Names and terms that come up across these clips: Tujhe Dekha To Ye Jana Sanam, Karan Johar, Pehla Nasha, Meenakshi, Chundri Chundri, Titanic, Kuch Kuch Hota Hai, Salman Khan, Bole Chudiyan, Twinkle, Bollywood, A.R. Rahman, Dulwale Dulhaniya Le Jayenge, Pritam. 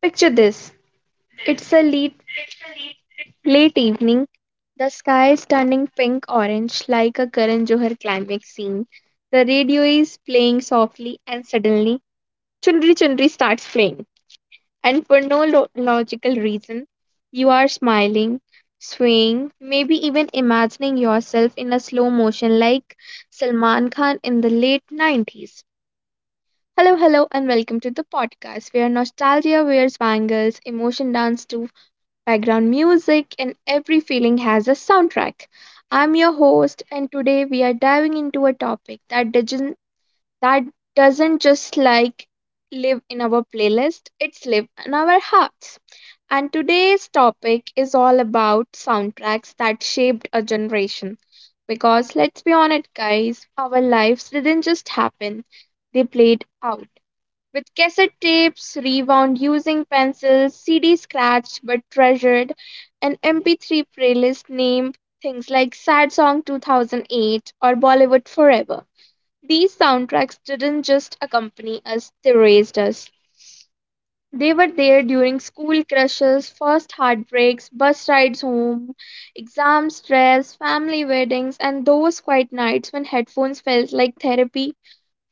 Picture this. It's a late, late evening, the sky is turning pink orange like a Karan Johar climax scene. The radio is playing softly, and suddenly Chundri Chundri starts playing. And for no logical reason, you are smiling, swaying, maybe even imagining yourself in a slow motion like Salman Khan in the late 90s. Hello, hello, and welcome to the podcast where nostalgia wears bangles, emotion dance to background music, and every feeling has a soundtrack. I'm your host, and today we are diving into a topic that that doesn't just like live in our playlist, it's live in our hearts. And today's topic is all about soundtracks that shaped a generation. Because let's be honest, guys, our lives didn't just happen, they played out with cassette tapes rewound using pencils, CD scratched but treasured, an MP3 playlist named things like Sad Song 2008 or Bollywood Forever. These soundtracks didn't just accompany us, they raised us. They were there during school crushes, first heartbreaks, bus rides home, exam stress, family weddings, and those quiet nights when headphones felt like therapy,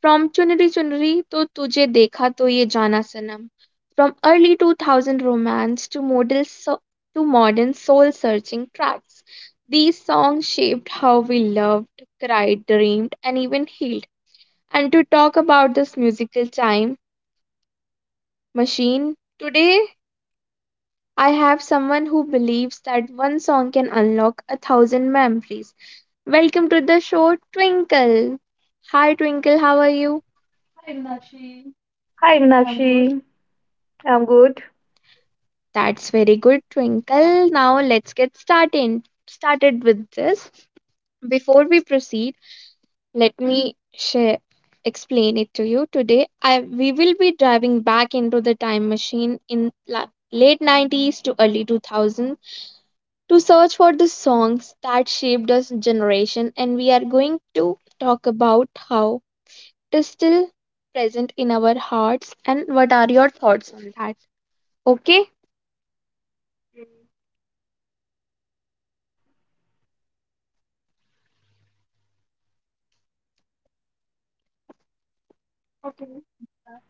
from Chunri Chunri to Tujhe Dekha To Ye Jana Sanam, from early 2000 romance to to modern soul-searching tracks. These songs shaped how we loved, cried, dreamed, and even healed. And to talk about this musical time machine, today I have someone who believes that one song can unlock a thousand memories. Welcome to the show, Twinkle. Hi, Twinkle, how are you? Hi, Meenakshi. I'm good. That's very good, Twinkle. Now let's get started with this. Before we proceed, let me share explain it to you. Today, I we will be driving back into the time machine in late 90s to early 2000 to search for the songs that shaped us generation, and we are going to talk about how it is still present in our hearts. And what are your thoughts on that? Okay? Okay.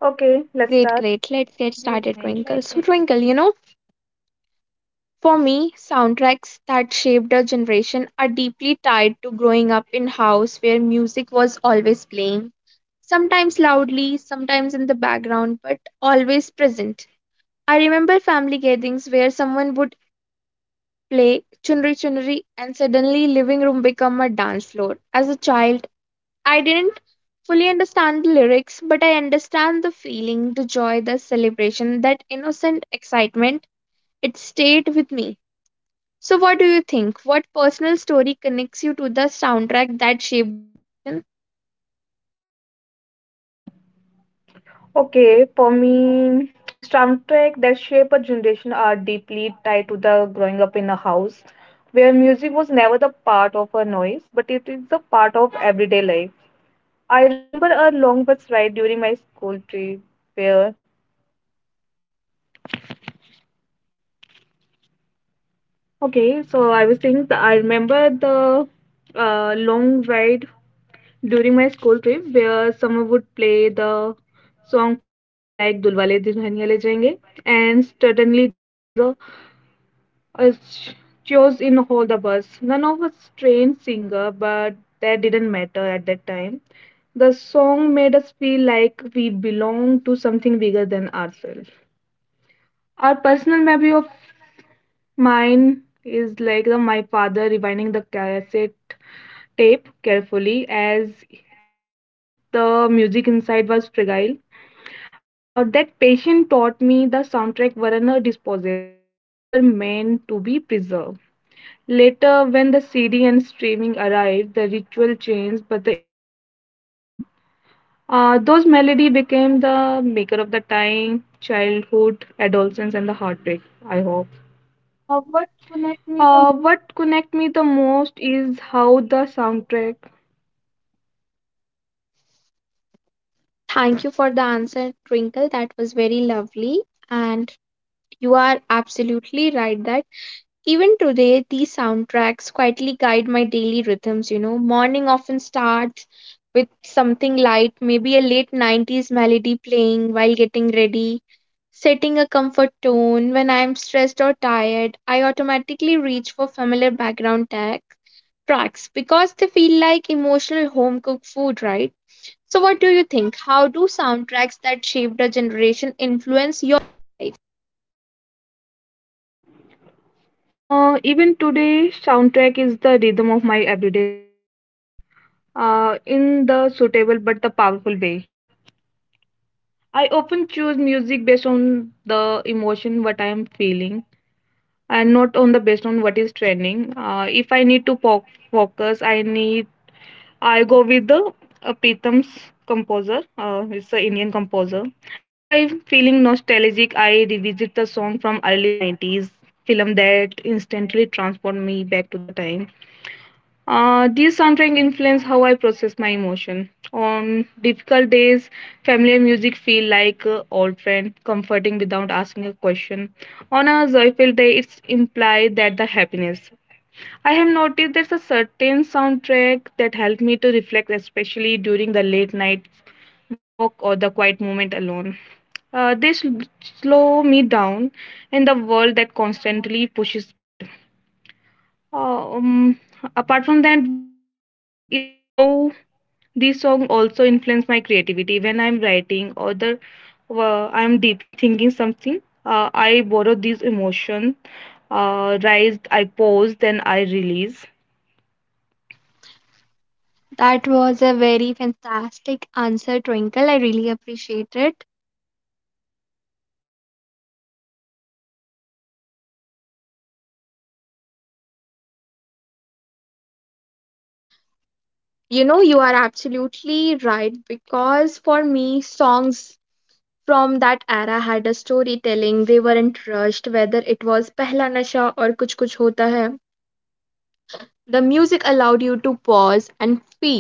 Okay, let's Great, start. great. Let's get Great, started, great. Twinkle. Let's So, get Twinkle, you know, for me, soundtracks that shaped a generation are deeply tied to growing up in house where music was always playing, sometimes loudly, sometimes in the background, but always present. I remember family gatherings where someone would play chunri chunri and suddenly living room become a dance floor. As a child, I didn't fully understand the lyrics, but I understand the feeling, the joy, the celebration, that innocent excitement. It stayed with me. So, what do you think? What personal story connects you to the soundtrack that shaped you? Okay, for me, soundtrack that shape a generation are deeply tied to the growing up in a house where music was never the part of a noise, but it is the part of everyday life. I remember a long bus ride during my school trip where Okay, so I was saying that I remember the long ride during my school trip where someone would play the song from film like Dulwale Dulhaniya Le Jayenge, and suddenly there was a chaos in all the bus. None of us trained singer, but that didn't matter at that time. The song made us feel like we belong to something bigger than ourselves. Our personal memory of mine is like my father rewinding the cassette tape carefully as if the music inside was fragile. That patient taught me the soundtrack were not disposable, they were meant to be preserved. Later, when the CD and streaming arrived, the ritual changed, but the emotion doesn't. Those melody became the maker of the time, childhood, adolescence, and the heartbreak. I hope. What connect me the most is how the soundtrack. Thank you for the answer, Twinkle. That was very lovely. And you are absolutely right that even today, these soundtracks quietly guide my daily rhythms. You know, morning often starts with something light, maybe a late 90s melody playing while getting ready. Setting a comfort tone when I am stressed or tired, I automatically reach for familiar background tag tracks because they feel like emotional home cooked food, right? So, what do you think? How do soundtracks that shaped a generation influence your life? Even today, soundtrack is the rhythm of my everyday life. In the suitable but the powerful way. I often choose music based on the emotion what I am feeling and not on the based on what is trending. If I need to focus, I go with the Pritam's composer. It's an Indian composer. If I'm feeling nostalgic, I revisit the song from early '90s film that instantly transport me back to the time. These soundtrack influence how I process my emotion. On difficult days, familiar music feel like old friend, comforting without asking a question. On a joyful day, it's implied that the happiness. I have noticed there's a certain soundtrack that help me to reflect, especially during the late night walk or the quiet moment alone. They slow me down in the world that constantly pushes speed. Uh, um, Apart from that, what interesting is how this song also influenced my creativity. When I'm writing or the I'm deeply thinking something, I borrow these emotion, rise, I pause, then I release. That was a very fantastic answer, Twinkle. I really appreciate it. You know, you are absolutely right because for me, songs from that era had a storytelling. They weren't rushed, whether it was Pehla Nasha or Kuch Kuch Hota Hai. The music allowed you to pause and feel.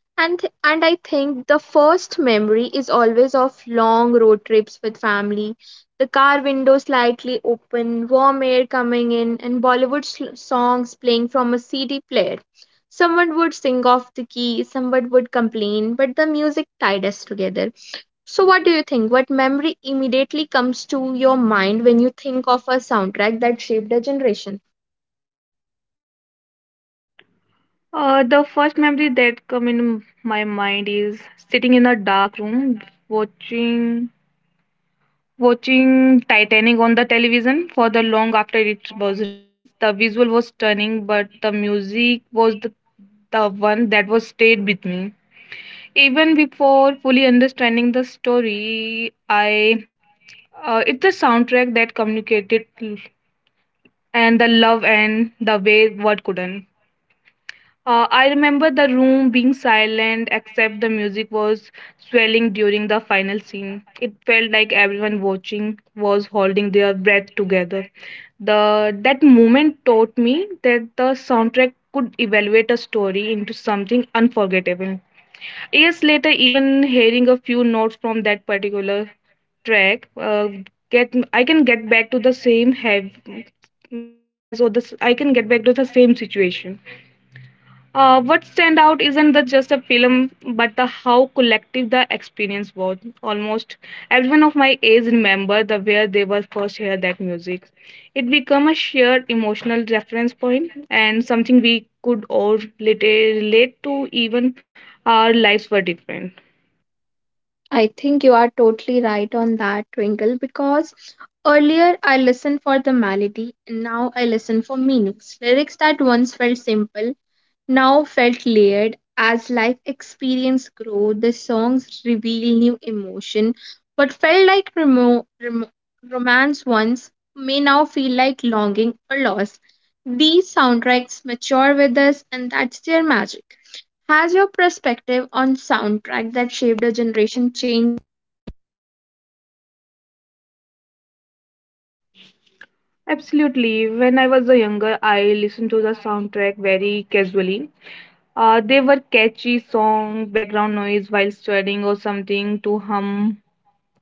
And I think the first memory is always of long road trips with family. The car window slightly open, warm air coming in, and Bollywood songs playing from a CD player. Someone would sing off the key, someone would complain, but the music tied us together. So, what do you think? What memory immediately comes to your mind when you think of a soundtrack that shaped a generation? The first memory that come in my mind is sitting in a dark room, watching Watching Titanic on the television for the long after it was released. The visual was stunning, but the music was the one that was stayed with me. Even before fully understanding the story, I it's the soundtrack that communicated and the love and the way what couldn't. I remember the room being silent except the music was swelling during the final scene. It felt like everyone watching was holding their breath together. The that moment taught me that the soundtrack could evaluate a story into something unforgettable. Years later, even hearing a few notes from that particular track, get I can get back to the same have happiness or this I can get back to the same situation. What stand out isn't just a film, but the how collective the experience was. Almost everyone of my age remember the where they were first heard that music. It became a shared emotional reference point and something we could all relate to, even our lives were different. I think you are totally right on that, Twinkle, because earlier I listened for the melody and now I listen for meanings. Lyrics that once felt simple now felt layered. As life experience grow, the songs reveal new emotion. What felt like romance once may now feel like longing or loss. These soundtracks mature with us, and that's their magic. Has your perspective on soundtrack that shaped a generation changed? Absolutely. When I was a younger, I listened to the soundtrack very casually. They were catchy song, background noise while studying or something to hum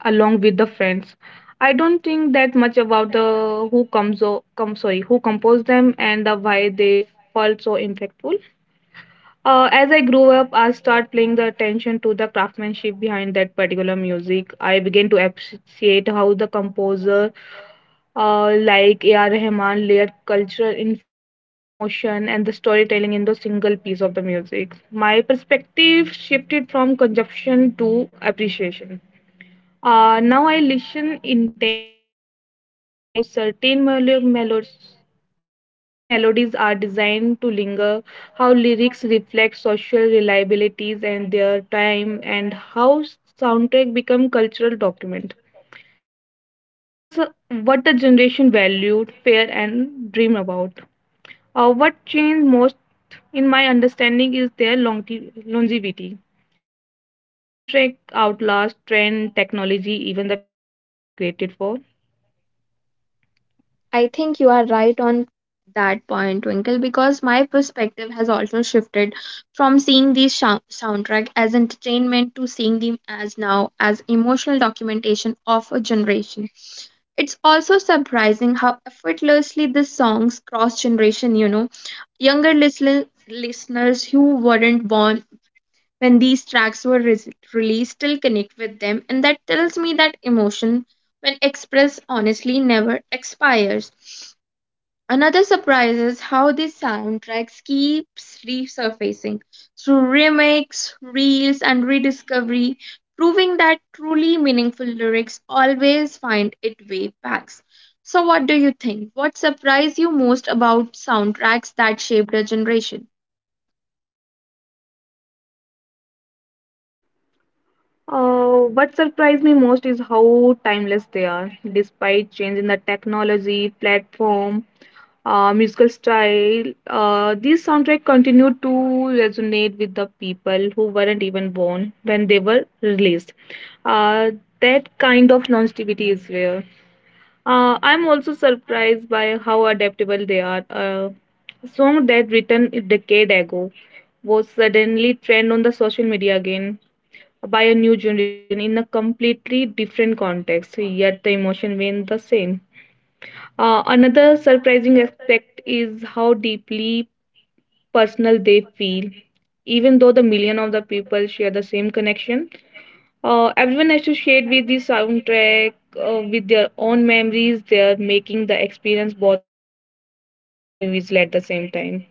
along with the friends. I don't think that much about the who comes o- come sorry who composed them and the why they felt so impactful. As I grew up, I started paying the attention to the craftsmanship behind that particular music. I began to appreciate how the composer, like A.R. Rahman, layered cultural influence, emotion, and the storytelling in the single piece of the music. My perspective shifted from consumption to appreciation. Now I listen intentionally. I notice how certain melodies are designed to linger, how lyrics reflect social reliabilities and their time, and how soundtrack become cultural document. They tell us what the generation valued, fear, and dream about. What changed most in my understanding is their longevity. These soundtrack outlast trend, technology, even the film they were created for. I think you are right on that point, Twinkle, because my perspective has also shifted from seeing these soundtrack as entertainment to seeing them as now as emotional documentation of a generation. It's also surprising how effortlessly the songs cross generation, you know, younger listeners who weren't born when these tracks were released still connect with them, and that tells me that emotion when expressed honestly never expires. Another surprise is how these soundtracks keeps resurfacing through remakes, reels, and rediscovery, proving that truly meaningful lyrics always find it way back. So, what do you think? What surprised you most about soundtracks that shaped a generation? What surprised me most is how timeless they are, despite change in the technology, platform, musical style. These soundtrack continue to resonate with the people who weren't even born when they were released. Uh, that kind of longevity is rare. I'm also surprised by how adaptable they are. A song that written a decade ago was suddenly trend on the social media again by a new generation in a completely different context, yet the emotion remained the same. Another surprising aspect is how deeply personal they feel, even though the million of the people share the same connection. Everyone associate with the soundtrack with their own memories. They are making the experience both collective and individual at the same time.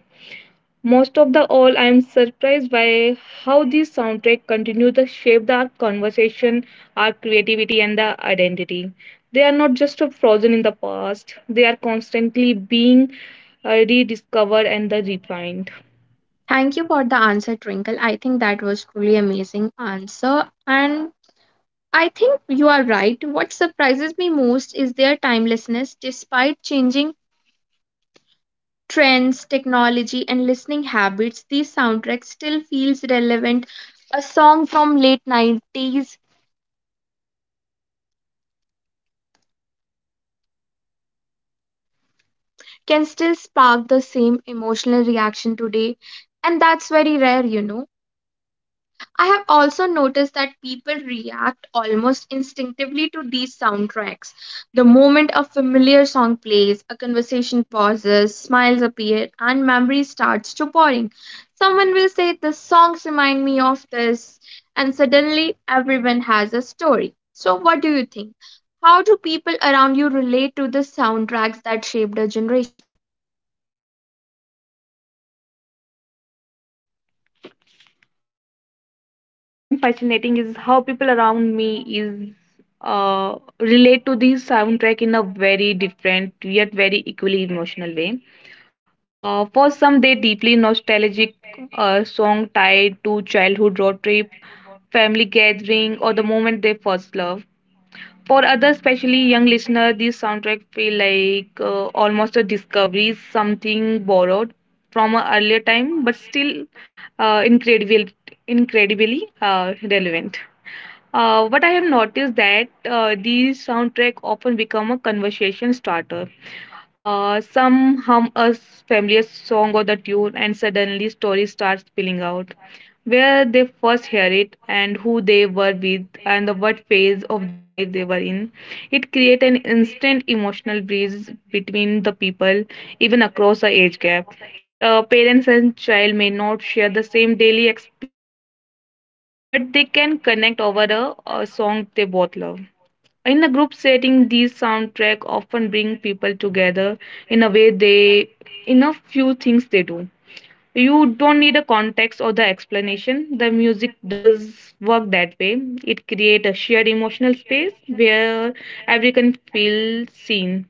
Most of the all, I am surprised by how these soundtrack continue to shape the conversation, our creativity, and the identity. They are not just frozen in the past; they are constantly being rediscovered and the refined. Thank you for the answer, Twinkle. I think that was truly amazing answer, and I think you are right. What surprises me most is their timelessness. Despite changing trends, technology, and listening habits, these soundtracks still feels relevant. A song from late 90s can still spark the same emotional reaction today, and that's very rare, you know. I have also noticed that people react almost instinctively to these soundtracks. The moment a familiar song plays, a conversation pauses, smiles appear, and memory starts to pouring. Someone will say, "The songs remind me of this," and suddenly everyone has a story. So, what do you think? How do people around you relate to the soundtracks that shaped a generation? What I find fascinating is how people around me is relate to this soundtrack in a very different yet very equally emotional way. For some, they deeply nostalgic song tied to childhood road trip, family gathering, or the moment they first love. For others, especially young listener, this soundtrack feel like almost a discovery, something borrowed from an earlier time, but still uh, incredible, incredibly relevant. What I have noticed that these soundtrack often become a conversation starter. Some hum a familiar song or the tune, and suddenly story starts spilling out. Where they first hear it, and who they were with, and the what phase of their life they were in. It creates an instant emotional bridge between the people, even across the age gap. Parents and child may not share the same daily experience, but they can connect over a song they both love. In a group setting, these soundtrack often bring people together in a way they in a few things they do. You don't need a context or the explanation. The music does work that way. It creates a shared emotional space where everyone feels seen.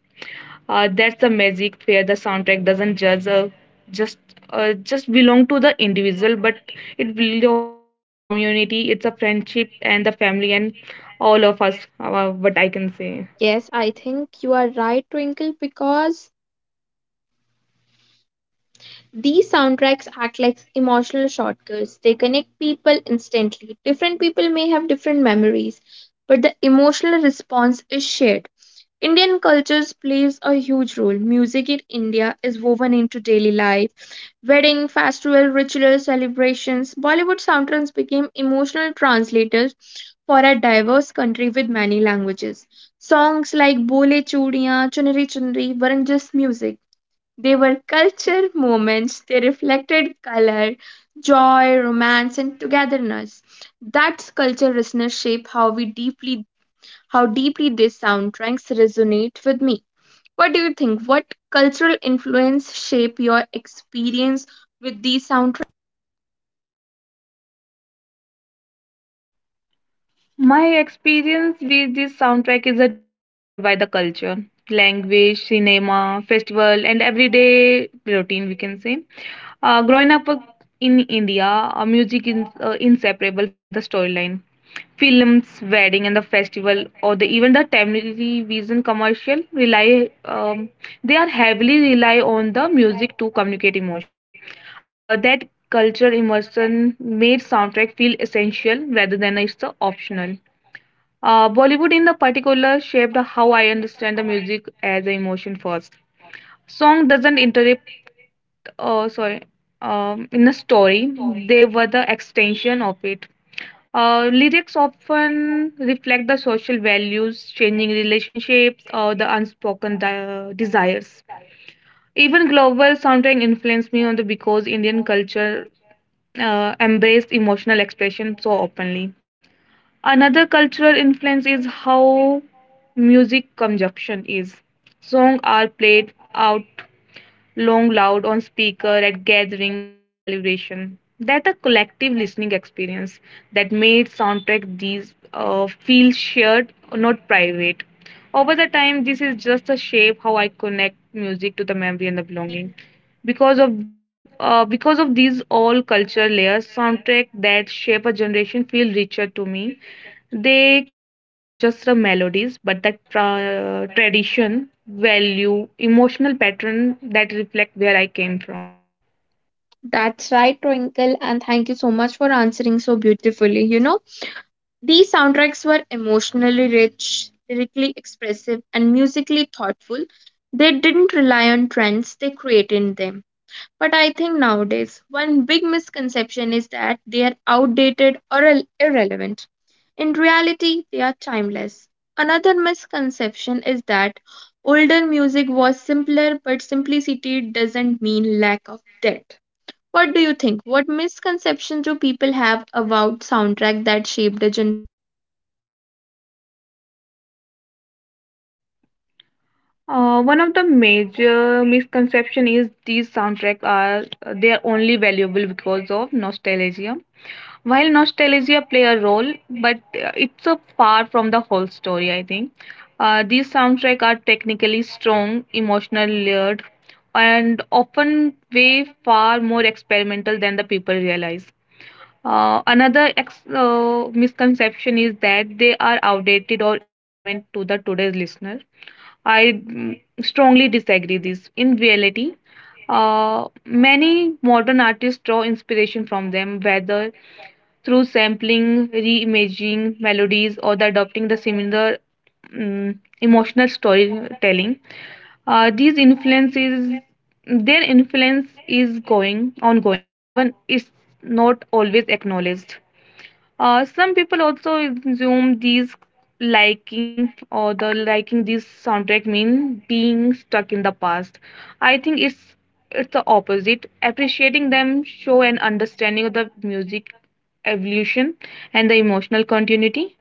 That's the magic where the soundtrack doesn't judge, just just belong to the individual, but it belongs to the community. It's a friendship and the family and all of us. What I can say. Yes, I think you are right, Twinkle, because these soundtracks act like emotional shortcuts. They connect people instantly. Different people may have different memories, but the emotional response is shared. Indian cultures plays a huge role. Music in India is woven into daily life. Wedding, festival, rituals, celebrations. Bollywood soundtracks became emotional translators for a diverse country with many languages. Songs like Bole Chudiyan, Chunri Chunri weren't just music, they were culture moments. They reflected color, joy, romance, and togetherness. That's culture listeners shape how we deeply how deeply these soundtracks resonate with me. What do you think? What cultural influence shape your experience with these soundtracks? My experience with this soundtrack is a deeply shaped by the culture, language, cinema, festival, and everyday routine, we can say. Growing up in India, music is inseparable from the storyline. Films, wedding, and the festival, or even the television commercial, rely they are heavily rely on the music to communicate emotion. That culture immersion made soundtrack feel essential rather than it's optional. Bollywood, in the particular, shaped how I understand the music as an emotion first. Song doesn't interrupt, uh, sorry, in the story. They were the extension of it. Lyrics often reflect the social values, changing relationships, or the unspoken desires. Even global soundtrack influenced me on the because Indian culture embraced emotional expression so openly. Another cultural influence is how music consumption is. Songs are played out long loud on speaker at gathering during celebration. That a collective listening experience that made soundtrack these feel shared, not private. Over the time, this is just a shape how I connect music to the memory and the belonging. Because of these all cultural layers, soundtrack that shape a generation feel richer to me. They carry not just the melodies, but the tradition, value, emotional pattern that reflect where I came from. That's right, Twinkle, and thank you so much for answering so beautifully. You know, these soundtracks were emotionally rich, lyrically expressive, and musically thoughtful. They didn't rely on trends, they created them. But I think nowadays, one big misconception is that they are outdated or irrelevant. In reality, they are timeless. Another misconception is that older music was simpler, but simplicity doesn't mean lack of depth. What do you think? What misconceptions do people have about soundtrack that shaped a generation? One of the major misconception is these soundtracks are only valuable because of nostalgia. While nostalgia play a role, but it's so far from the whole story, I think. These soundtracks are technically strong, emotional layered, and often way far more experimental than the people realize. Another misconception is that they are outdated or irrelevant to the today's listener. I strongly disagree this. In reality, many modern artists draw inspiration from them, whether through sampling, reimagining melodies, or the adopting the similar emotional storytelling. Uh, these influences, their influence is going ongoing, even it's not always acknowledged. Some people also assume the liking this soundtrack mean being stuck in the past. I think it's the opposite. Appreciating them show an understanding of the music evolution and the emotional continuity.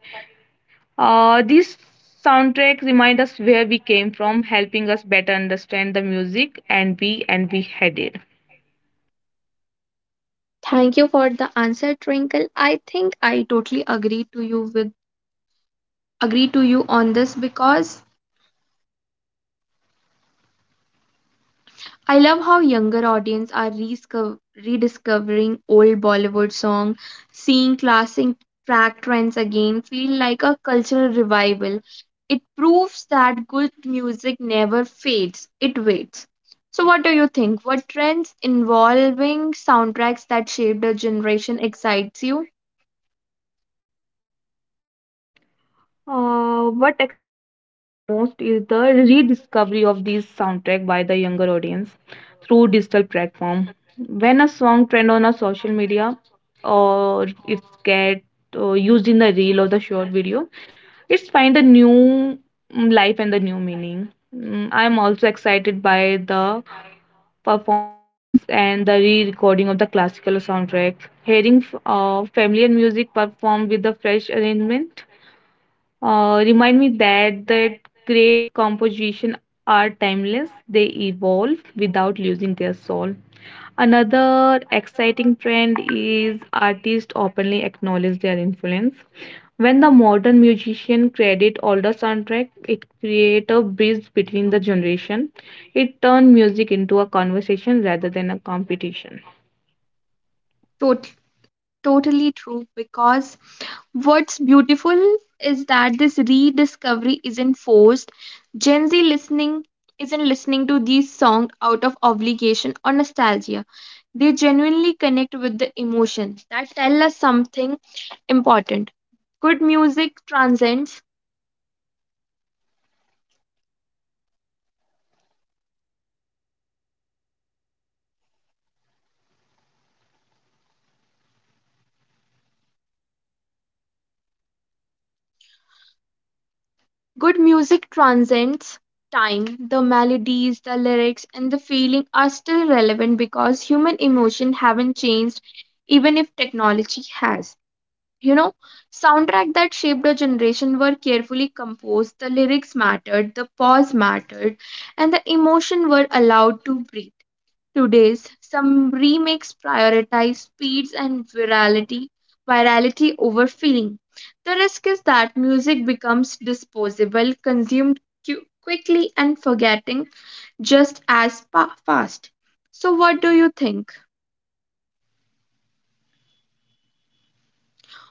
These soundtracks remind us where we came from, helping us better understand the music and be headed. Thank you for the answer, Twinkle. I think I totally agree to you with agree to you on this because I love how younger audience are rediscovering old Bollywood song, seeing classic track trends again, feel like a cultural revival. It proves that good music never fades; it waits. So, what do you think? What trends involving soundtracks that shaped a generation excites you? What excited me most is the rediscovery of this soundtrack by the younger audience through digital platform. When a song trend on a social media or it's get used in the reel or the short video, it's find a new life and the new meaning. I'm also excited by the performances and the re-recording of the classical soundtrack. Hearing familiar music performed with the fresh arrangement remind me that great composition are timeless. They evolve without losing their soul. Another exciting trend is artists openly acknowledge their influence. When the modern musician credit older soundtrack, it create a bridge between the generation. It turn music into a conversation rather than a competition. Tot- totally true, because what's beautiful is that this rediscovery isn't forced. Gen Z listening isn't listening to these songs out of obligation or nostalgia. They genuinely connect with the emotions, that tell us something important. Good music transcends. Good music transcends time. The melodies, the lyrics, and the feeling are still relevant because human emotion haven't changed, even if technology has. You know, soundtrack that shaped a generation were carefully composed, the lyrics mattered, the pause mattered, and the emotion were allowed to breathe. Today's some remakes prioritize speeds and virality, over feeling. The risk is that music becomes disposable, consumed quickly and forgetting just as fast. So what do you think?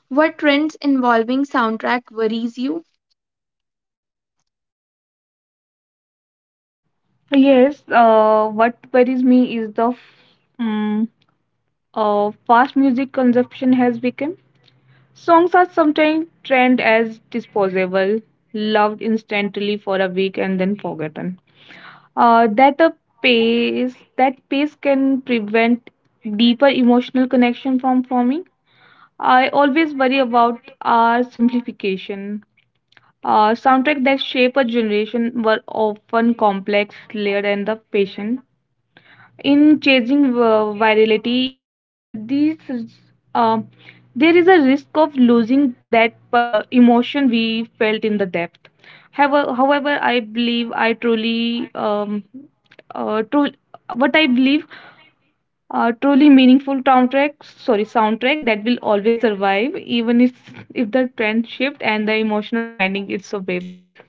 What trends involving soundtrack worries you? Yes, what worries me is the mm, fast music consumption has become. Songs are sometimes trend as disposable, loved instantly for a week and then forgotten. Uh, that a that pace can prevent deeper emotional connection from forming. I always worry about our simplification. Soundtrack that shape a generation were often complex, layered, and the patient in chasing virality. These uh, there is a risk of losing that emotion we felt in the depth. However, I believe, I truly true what I believe, truly meaningful soundtrack that will always survive, even if the trend shift and the emotional finding its way back.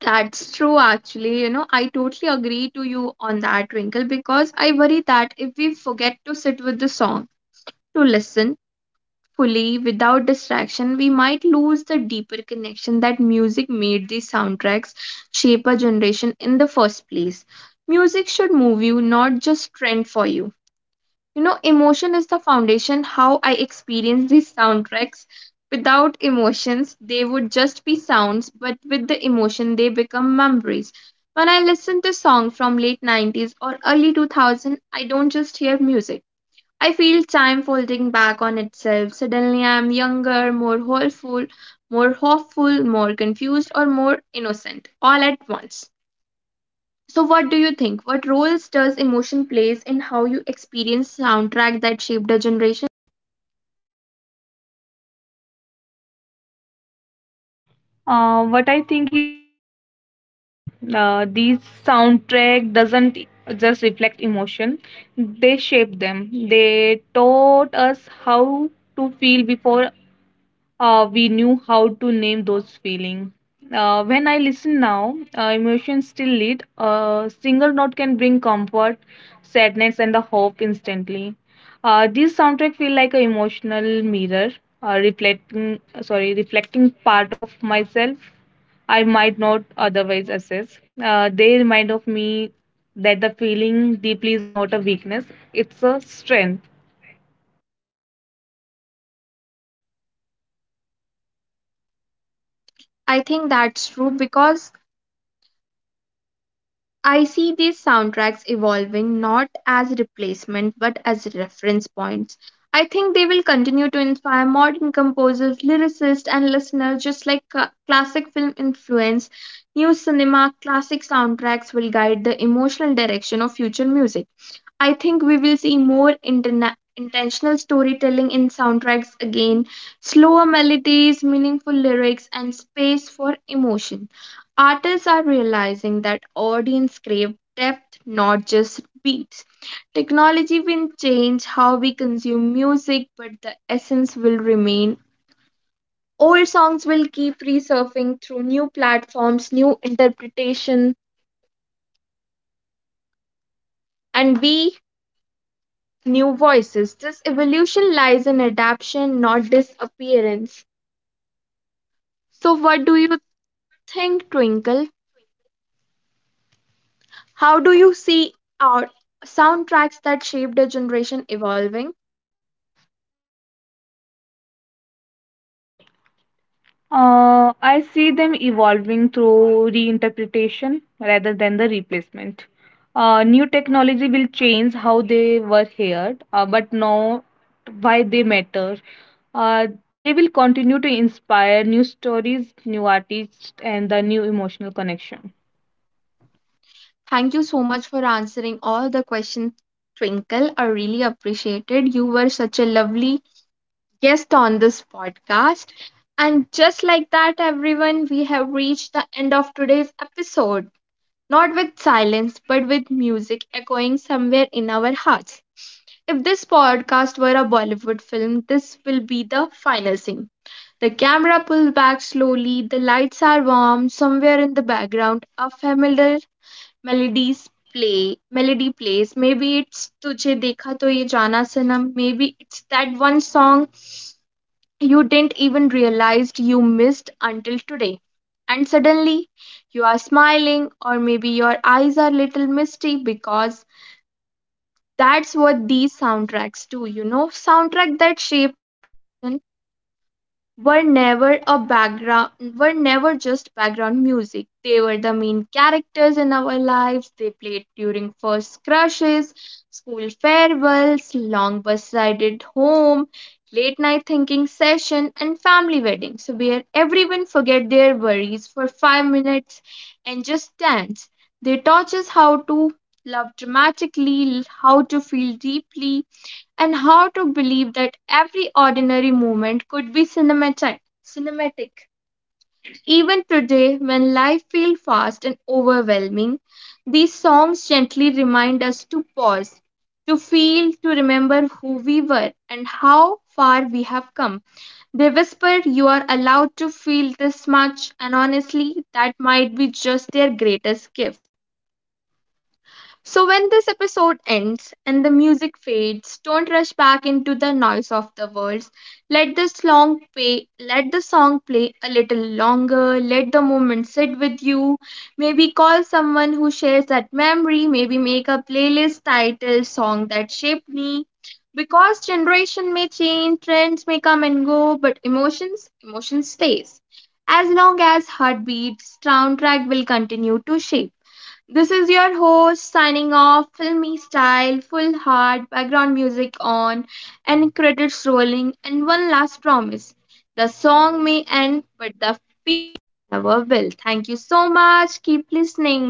That's true, actually. You know, I totally agree to you on that, Twinkle, because I worry that if we forget to sit with the song, to listen fully without distraction, we might lose the deeper connection that music made these soundtracks shape a generation in the first place. Music should move you, not just trend for you. You know, emotion is the foundation how I experience these soundtracks. Without emotions, they would just be sounds, but with the emotion, they become memories. When I listen to songs from late 90s or early 2000, I don't just hear music. I feel time folding back on itself. Suddenly, I am younger, more hopeful, more confused, or more innocent, all at once. So what do you think? What roles does emotion plays in how you experience soundtrack that shaped a generation? What I think is emotion is everything. These soundtrack doesn't just reflect emotion; they shape them. They taught us how to feel before we knew how to name those feelings. When I listen now, emotions still lead. A single note can bring comfort, sadness, and the hope instantly. This soundtrack feel like an emotional mirror, reflecting part of myself I might not otherwise assess. They remind of me that the feeling deeply is not a weakness; it's a strength. I think that's true because I see these soundtracks evolving not as replacement but as reference points. I think they will continue to inspire modern composers, lyricists, and listeners just like classic film influence. New cinema classic soundtracks will guide the emotional direction of future music. I think we will see more intentional storytelling in soundtracks again, slower melodies, meaningful lyrics, and space for emotion. Artists are realizing that audience crave depth, not just beats. Technology will change how we consume music, but the essence will remain. Old songs will keep resurfacing through new platforms, new interpretation, and we new voices. This evolution lies in adaptation, not disappearance. So, what do you think, Twinkle? How do you see our soundtracks that shaped a generation evolving? I see them evolving through reinterpretation rather than the replacement. New technology will change how they were heard, but not why they matter. Uh, they will continue to inspire new stories, new artists, and the new emotional connection. Thank you so much for answering all the questions, Twinkle. I really appreciate it. You were such a lovely guest on this podcast. And just like that, everyone, we have reached the end of today's episode. Not with silence, but with music echoing somewhere in our hearts. If this podcast were a Bollywood film, this will be the final scene. The camera pulls back slowly, the lights are warm, somewhere in the background a familiar melodies play melody plays. Maybe it's Tujhe Dekha To Ye Jana Sanam, maybe it's that one song you didn't even realize you missed until today. And suddenly you are smiling or maybe your eyes are little misty, because that's what these soundtracks do, you know. Soundtrack that shaped and were never a background were never just background music. They were the main characters in our lives. They played during first crushes, school farewells, long bus ride at home, late night thinking session, and family weddings where everyone forget their worries for 5 minutes and just dance. They taught us how to love dramatically, how to feel deeply, and how to believe that every ordinary moment could be cinematic. Even today, when life feels fast and overwhelming, these songs gently remind us to pause, to feel, to remember who we were and how far we have come. They whisper, "You are allowed to feel this much," and honestly, that might be just their greatest gift. So, when this episode ends and the music fades, don't rush back into the noise of the words. Let this long play, let the song play a little longer, let the moment sit with you. Maybe call someone who shares that memory, maybe make a playlist titled "Song That Shaped Me." Because generation may change, trends may come and go, but emotion stays. As long as heartbeats, soundtrack will continue to shape. This is your host signing off, filmy style, full heart, background music on, and credits rolling. And one last promise, the song may end, but never will. Thank you so much. Keep listening.